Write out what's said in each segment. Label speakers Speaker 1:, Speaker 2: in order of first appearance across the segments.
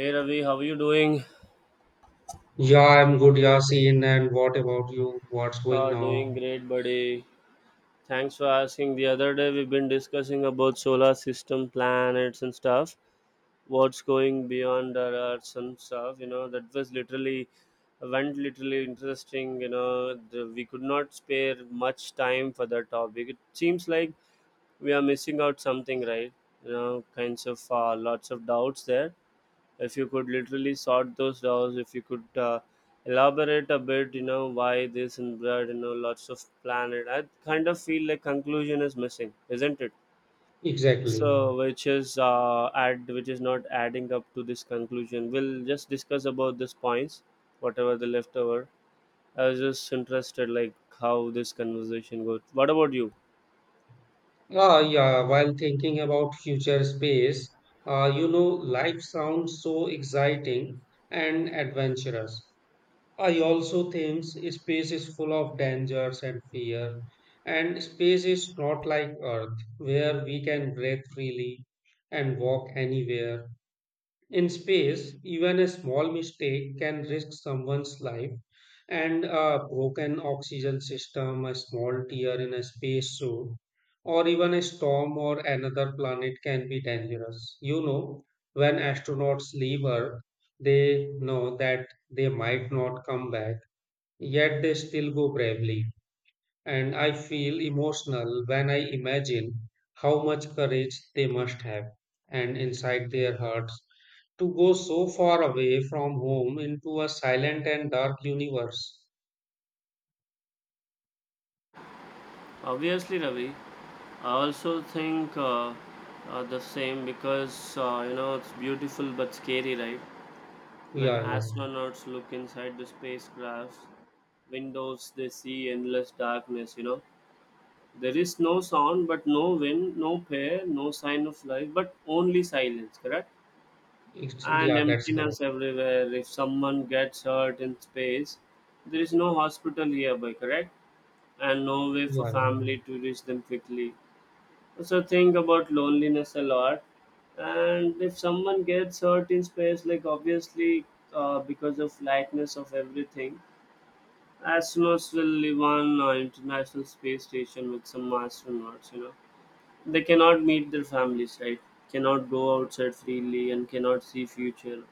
Speaker 1: Hey Ravi, how are you doing?
Speaker 2: Yeah, I'm good, Yasin. And what about you? What's going
Speaker 1: Doing
Speaker 2: now?
Speaker 1: great, buddy. Thanks for asking. The other day we've been discussing about solar system, planets, and stuff. What's going beyond our Earth and stuff. You know that was literally went literally interesting. You know we could not spare much time for that topic. It seems like we are missing out something, right? You know, kinds of lots of doubts there. If you could literally sort those doors, if you could elaborate a bit, you know, why this and that, you know, lots of planet, I kind of feel like conclusion is missing, isn't it?
Speaker 2: Exactly.
Speaker 1: So which is add which is not adding up to this conclusion. We'll just discuss about these points, whatever the leftover. I was just interested like how this conversation goes. What about you?
Speaker 2: Yeah. While thinking about future space, uh, you know, life sounds so exciting and adventurous. I also think space is full of dangers and fear. And space is not like Earth, where we can breathe freely and walk anywhere. In space, even a small mistake can risk someone's life, and a broken oxygen system, a small tear in a space suit, or even a storm or another planet can be dangerous. When astronauts leave Earth, they know that they might not come back, yet they still go bravely. And I feel emotional when I imagine how much courage they must have, and inside their hearts to go so far away from home into a silent and dark universe.
Speaker 1: Obviously, Ravi, I also think the same, because it's beautiful but scary, right? When
Speaker 2: Yeah, yeah,
Speaker 1: astronauts look inside the spacecraft's windows, they see endless darkness. There is no sound, but no wind, no air, no sign of life, but only silence, correct? And
Speaker 2: yeah, that's correct.
Speaker 1: emptiness everywhere. If someone gets hurt in space, there is no hospital nearby, correct? And no way for
Speaker 2: Yeah, yeah,
Speaker 1: family to reach them quickly. So think about loneliness a lot, and if someone gets hurt in space, like obviously because of lightness of everything, astronauts will live on international space station with some astronauts. They cannot meet their families, right? Cannot go outside freely and cannot see future.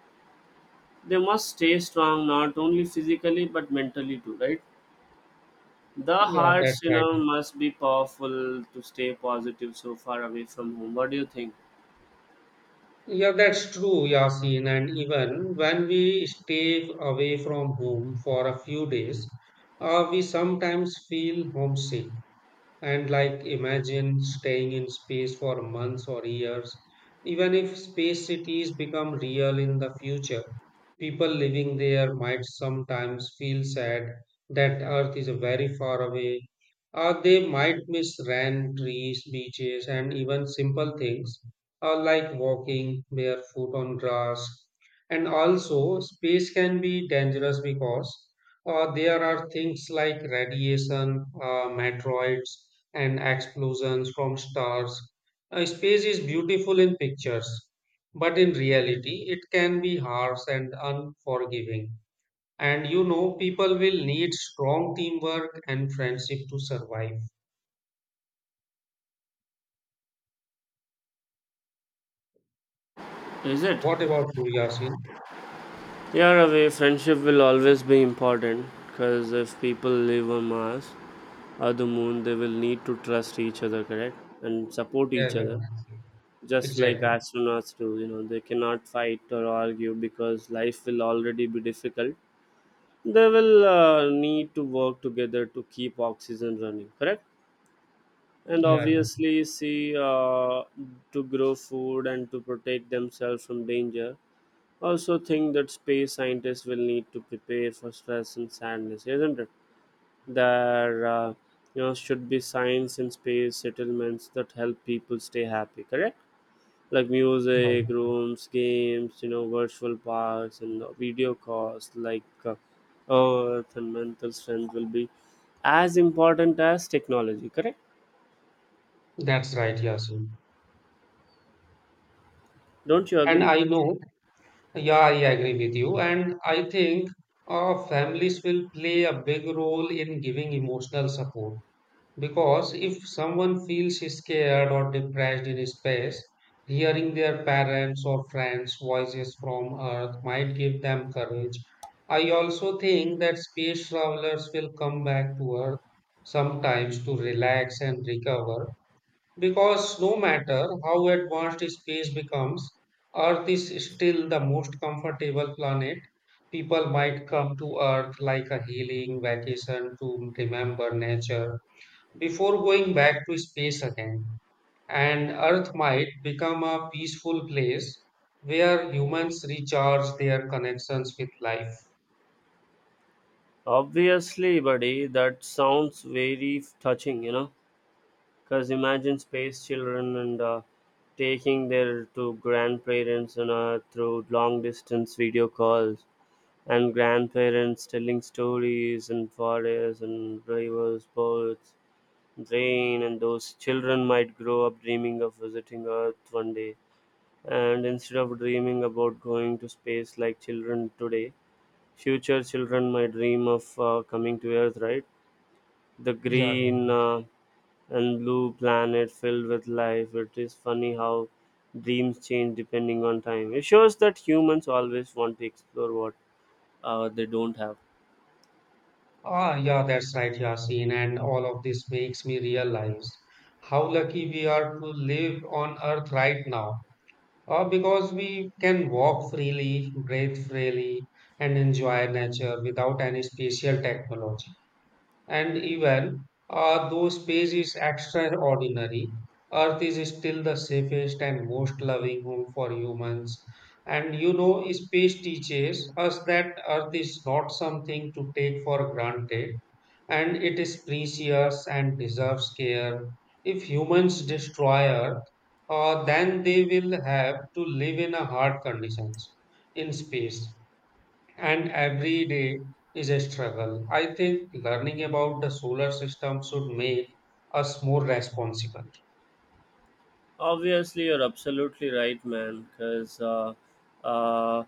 Speaker 1: They must stay strong, not only physically but mentally too, right? The
Speaker 2: yeah, that's
Speaker 1: hearts, you
Speaker 2: right.
Speaker 1: know, must be powerful to stay positive so far away from home. What do you think?
Speaker 2: Yeah, that's true, Yasin. And even when we stay away from home for a few days, we sometimes feel homesick. And like imagine staying in space for months or years. Even if space cities become real in the future, people living there might sometimes feel sad that Earth is very far away, or they might miss land, trees, beaches, and even simple things, or like walking barefoot on grass. And also, space can be dangerous because there are things like radiation, meteoroids, and explosions from stars. Space is beautiful in pictures, but in reality, it can be harsh and unforgiving. And you know, people will need strong teamwork and friendship to survive.
Speaker 1: Is it?
Speaker 2: What about you, Yasin?
Speaker 1: Here away, friendship will always be important because if people live on Mars or the moon, they will need to trust each other, correct? And support
Speaker 2: Yeah,
Speaker 1: each
Speaker 2: yeah,
Speaker 1: other. Just like
Speaker 2: exactly.
Speaker 1: astronauts do, they cannot fight or argue because life will already be difficult. They will need to work together to keep oxygen running, correct? And
Speaker 2: Yeah, yeah.
Speaker 1: obviously, see to grow food and to protect themselves from danger. Also think that space scientists will need to prepare for stress and sadness, isn't it? There should be science in space settlements that help people stay happy, correct? Like
Speaker 2: Yeah.
Speaker 1: music rooms, games, virtual parks, and video calls, like Earth and mental strength will be as important as technology, correct?
Speaker 2: That's right, Yasin.
Speaker 1: Don't you
Speaker 2: And
Speaker 1: agree?
Speaker 2: I know. Yeah, I agree with you. And I think families will play a big role in giving emotional support because if someone feels scared or depressed in space, hearing their parents or friends' voices from Earth might give them courage. I also think that space travelers will come back to Earth sometimes to relax and recover because no matter how advanced space becomes, Earth is still the most comfortable planet. People might come to Earth like a healing vacation to remember nature before going back to space again. And Earth might become a peaceful place where humans recharge their connections with life.
Speaker 1: Obviously, buddy, that sounds very touching. Because imagine space children and taking their to grandparents and through long distance video calls, and grandparents telling stories and forests and rivers, birds, rain, and those children might grow up dreaming of visiting Earth one day. And instead of dreaming about going to space like children today, future children might dream of coming to Earth, right? The
Speaker 2: Yeah.
Speaker 1: green and blue planet filled with life. It is funny how dreams change depending on time. It shows that humans always want to explore what they don't have.
Speaker 2: Yeah, that's right, Yasin. And all of this makes me realize how lucky we are to live on Earth right now. Because we can walk freely, breathe freely, and enjoy nature without any special technology. And even though space is extraordinary, Earth is still the safest and most loving home for humans. And you know, space teaches us that Earth is not something to take for granted, and it is precious and deserves care. If humans destroy Earth, then they will have to live in a hard conditions in space and every day is a struggle. I think learning about the solar system should make us more responsible.
Speaker 1: Obviously, you're absolutely right, man. Because uh,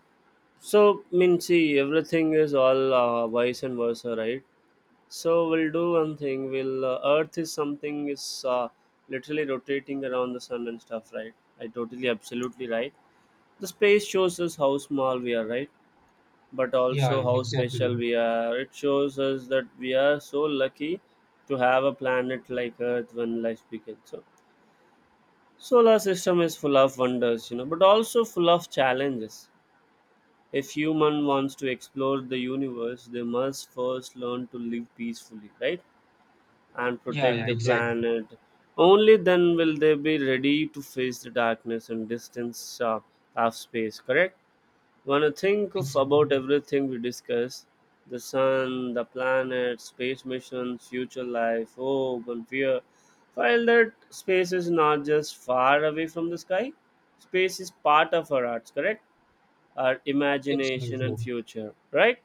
Speaker 1: so, I mean, see, everything is all vice and versa, right? So we'll do one thing. We'll Earth is something is literally rotating around the sun and stuff, right? I totally, absolutely right. The space shows us how small we are, right? But
Speaker 2: Yeah,
Speaker 1: also
Speaker 2: yeah,
Speaker 1: how
Speaker 2: exactly.
Speaker 1: special we are. It shows us that we are so lucky to have a planet like Earth when life begins. So, solar system is full of wonders, but also full of challenges. If human wants to explore the universe, they must first learn to live peacefully, right? And
Speaker 2: Yeah,
Speaker 1: protect
Speaker 2: yeah,
Speaker 1: the
Speaker 2: exactly.
Speaker 1: planet. Only then will they be ready to face the darkness and distance of space, correct? When you think of
Speaker 2: Exactly.
Speaker 1: about everything we discuss: the sun, the planets, space missions, future life, hope, and fear. While that space is not just far away from the sky, space is part of our arts, correct? Our imagination and
Speaker 2: Absolutely.
Speaker 1: future, right?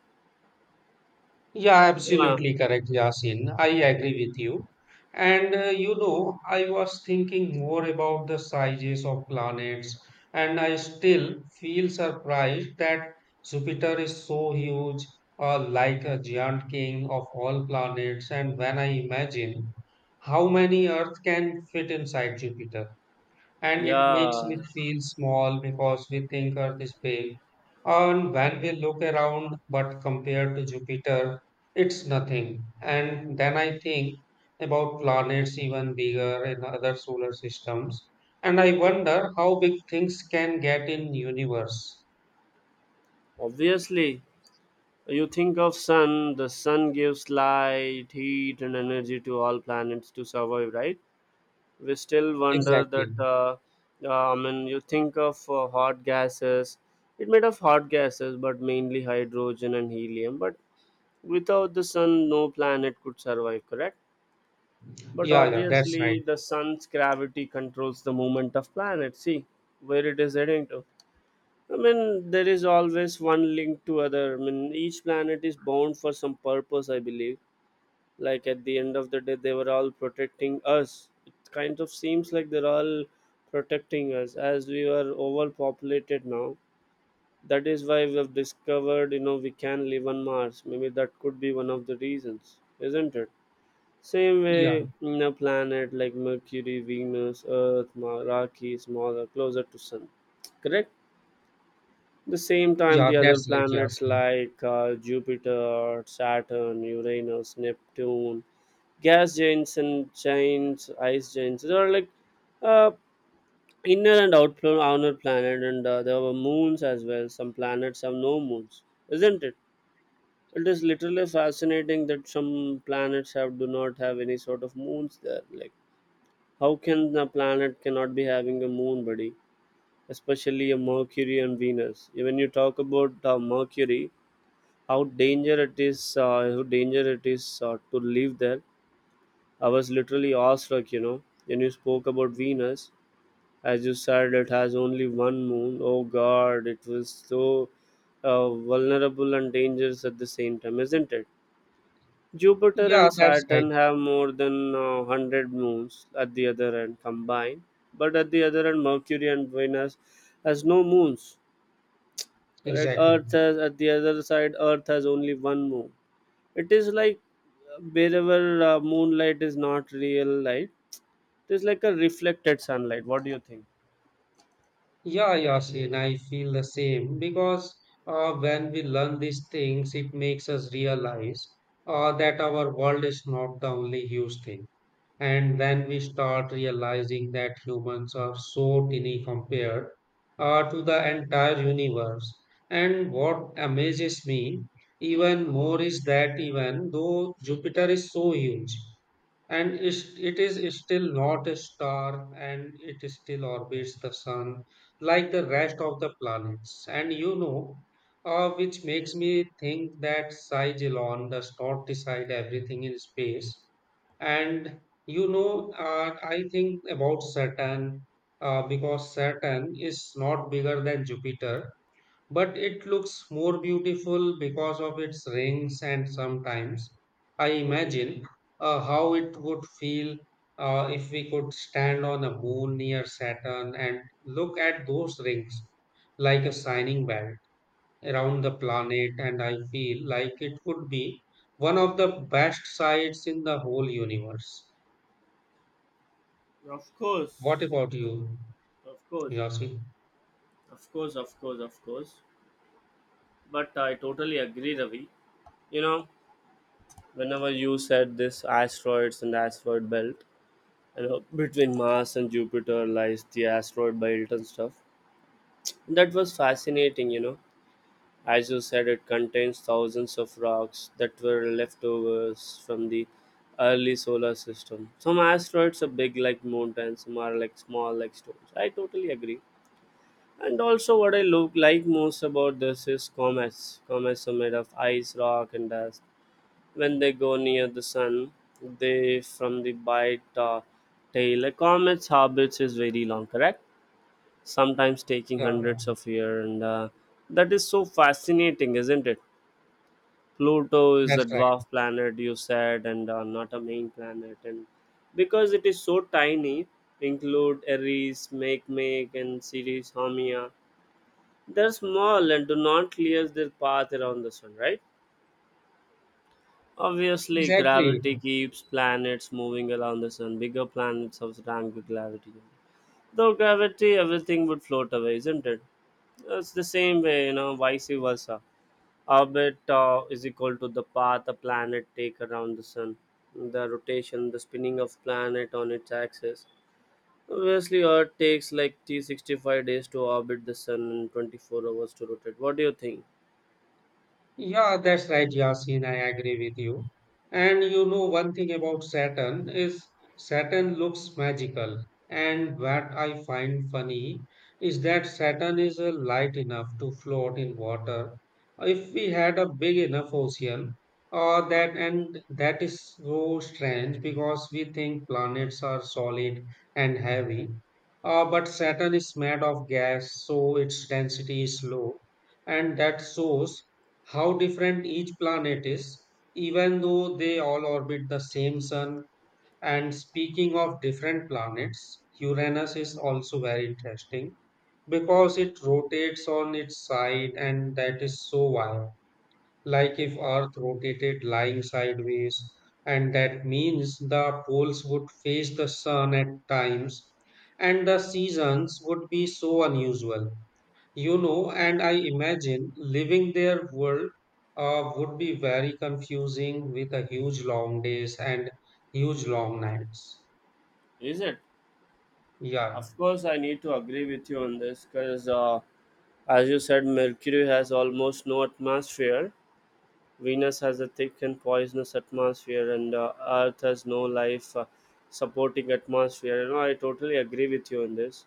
Speaker 2: Yeah,
Speaker 1: Yeah.
Speaker 2: absolutely correct, Yasin. I agree with you. And you know, I was thinking more about the sizes of planets, and I still feel surprised that Jupiter is so huge, like a giant king of all planets. And when I imagine how many Earth can fit inside Jupiter, and it makes me
Speaker 1: Yeah.
Speaker 2: feel small because we think Earth is big. And when we look around, but compared to Jupiter, it's nothing. And then I think about planets even bigger in other solar systems, and I
Speaker 1: Mhm.
Speaker 2: wonder how big things can get in universe.
Speaker 1: Obviously, you think of sun. The sun gives light, heat, and energy to all planets to survive, right? We still wonder that
Speaker 2: Exactly.
Speaker 1: I mean, you think of hot gases, it made of hot gases, but mainly hydrogen and helium, but without the sun no planet could survive, correct? But
Speaker 2: Yeah, yeah, that's right.
Speaker 1: obviously the sun's gravity controls the movement of planets, see where it is heading to. I mean, there is always one link to other. I mean, each planet is bound for some purpose, I believe. Like at the end of the day, they were all protecting us. It kind of seems like they're all protecting us as we are overpopulated now. That is why we have discovered, we can live on Mars. Maybe that could be one of the reasons, isn't it? Same
Speaker 2: Yeah,
Speaker 1: way, in a planet like Mercury, Venus, Earth, rocky, smaller, closer to sun, correct? The same time,
Speaker 2: yeah,
Speaker 1: the other
Speaker 2: that's right,
Speaker 1: planets
Speaker 2: Yasin.
Speaker 1: like Jupiter, Saturn, Uranus, Neptune, gas giants and ice giants. There are like uh, inner and outflow on our planet, and there were moons as well. Some planets have no moons, isn't it? It is literally fascinating that some planets have do not have any sort of moons there. Like, how can a planet cannot be having a moon, buddy? Especially a Mercury and Venus. When you talk about Mercury, how danger it is, how danger it is to live there, I was literally awestruck. When you spoke about Venus, as you said, it has only one moon. Oh God, it was so vulnerable and dangerous at the same time, isn't it? Jupiter
Speaker 2: Yeah,
Speaker 1: and
Speaker 2: that's right.
Speaker 1: Saturn have more than 100 moons at the other end combined, but at the other end, Mercury and Venus has no moons. Correct?
Speaker 2: Exactly.
Speaker 1: Earth has at the other side. Earth has only one moon. It is like wherever moonlight is not real light. It is like a reflected sunlight. What do you think?
Speaker 2: Yeah, Yasin, I feel the same because when we learn these things, it makes us realize that our world is not the only huge thing. And when we start realizing that humans are so tiny compared to the entire universe, and what amazes me even more is that even though Jupiter is so huge, and it is still not a star, and it still orbits the sun like the rest of the planets. And you know, which makes me think that Sigelon does not decide everything in space. And you know, I think about Saturn, because Saturn is not bigger than Jupiter, but it looks more beautiful because of its rings. And sometimes I
Speaker 1: Mm-hmm.
Speaker 2: imagine how it would feel if we could stand on a moon near Saturn and look at those rings like a shining belt around the planet. And I feel like it would be one of the best sights in the whole universe.
Speaker 1: Of
Speaker 2: What
Speaker 1: course,
Speaker 2: about you,
Speaker 1: of course,
Speaker 2: Yossi?
Speaker 1: of course, of course, of course. But I totally agree, Ravi. You know, Whenever you said this asteroids and asteroid belt, between Mars and Jupiter lies the asteroid belt and stuff. That was fascinating. As you said, it contains thousands of rocks that were leftovers from the early solar system. Some asteroids are big like mountains, some are like small like stones. I totally agree. And also, what I look like most about this is comets. Comets are made of ice, rock, and dust. When they go near the sun, they from the bite tail. A comet's orbit is very long, correct? Sometimes taking
Speaker 2: Yeah, yeah,
Speaker 1: hundreds of years, and that is so fascinating, isn't it? Pluto is
Speaker 2: that's
Speaker 1: a
Speaker 2: right.
Speaker 1: dwarf planet, you said, and not a main planet. And because it is so tiny, include Eris, Makemake, and Ceres Haumea. They're small and do not clear their path around the sun, right? Obviously,
Speaker 2: Exactly.
Speaker 1: gravity keeps planets moving around the sun. Bigger planets have rank with gravity. Though gravity, everything would float away, isn't it? It's the same way, vice versa. Orbit is equal to the path a planet take around the sun, the rotation, the spinning of planet on its axis. Obviously, Earth takes like t 65 days to orbit the sun and 24 hours to rotate. What do you think?
Speaker 2: Yeah, that's right, Yasin. I agree with you. And you know, one thing about Saturn is Saturn looks magical. And what I find funny is that Saturn is light enough to float in water. If we had a big enough ocean, or that, and that is so strange because we think planets are solid and heavy. But Saturn is made of gas, so its density is low, and that shows how different each planet is, even though they all orbit the same sun. And speaking of different planets, Uranus is also very interesting because it rotates on its side, and that is so wild. Like if Earth rotated lying sideways, and that means the poles would face the sun at times, and the seasons would be so unusual. You know, and I imagine living their world would be very confusing with a huge long days and huge long nights.
Speaker 1: Is it?
Speaker 2: Yeah,
Speaker 1: Of course, I need to agree with you on this because, as you said, Mercury has almost no atmosphere. Venus has a thick and poisonous atmosphere, and Earth has no life supporting atmosphere. I totally agree with you on this.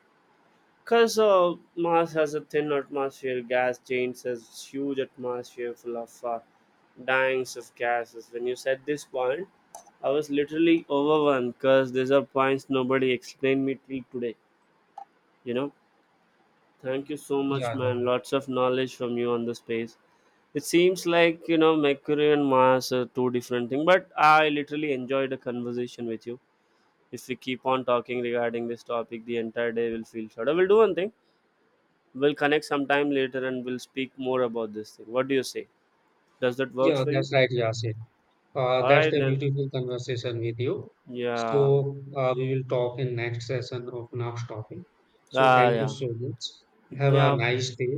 Speaker 1: Because Mars has a thin atmosphere, gas giants has huge atmosphere full of dyings of gases. When you said this point, I was literally overwhelmed because these are points nobody explained me till today. You know, Thank you so much,
Speaker 2: yeah, yeah.
Speaker 1: man. Lots of knowledge from you on the space. It seems like you know Mercury and Mars are two different things, but I literally enjoyed a conversation with you. If we keep on talking regarding this topic, the entire day will feel short. I will do one thing. We'll connect sometime later and we'll speak more about this thing. What do you say? Does that works
Speaker 2: Yeah,
Speaker 1: for you?
Speaker 2: that's right, Yasin.
Speaker 1: All
Speaker 2: That's
Speaker 1: right
Speaker 2: the
Speaker 1: then.
Speaker 2: beautiful conversation with you. So
Speaker 1: Yeah.
Speaker 2: we will talk in next session of next topic. So thank you
Speaker 1: Yeah.
Speaker 2: so much. Have a
Speaker 1: Yeah.
Speaker 2: nice day.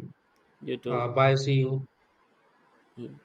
Speaker 1: You too.
Speaker 2: Bye. See you.
Speaker 1: Mm.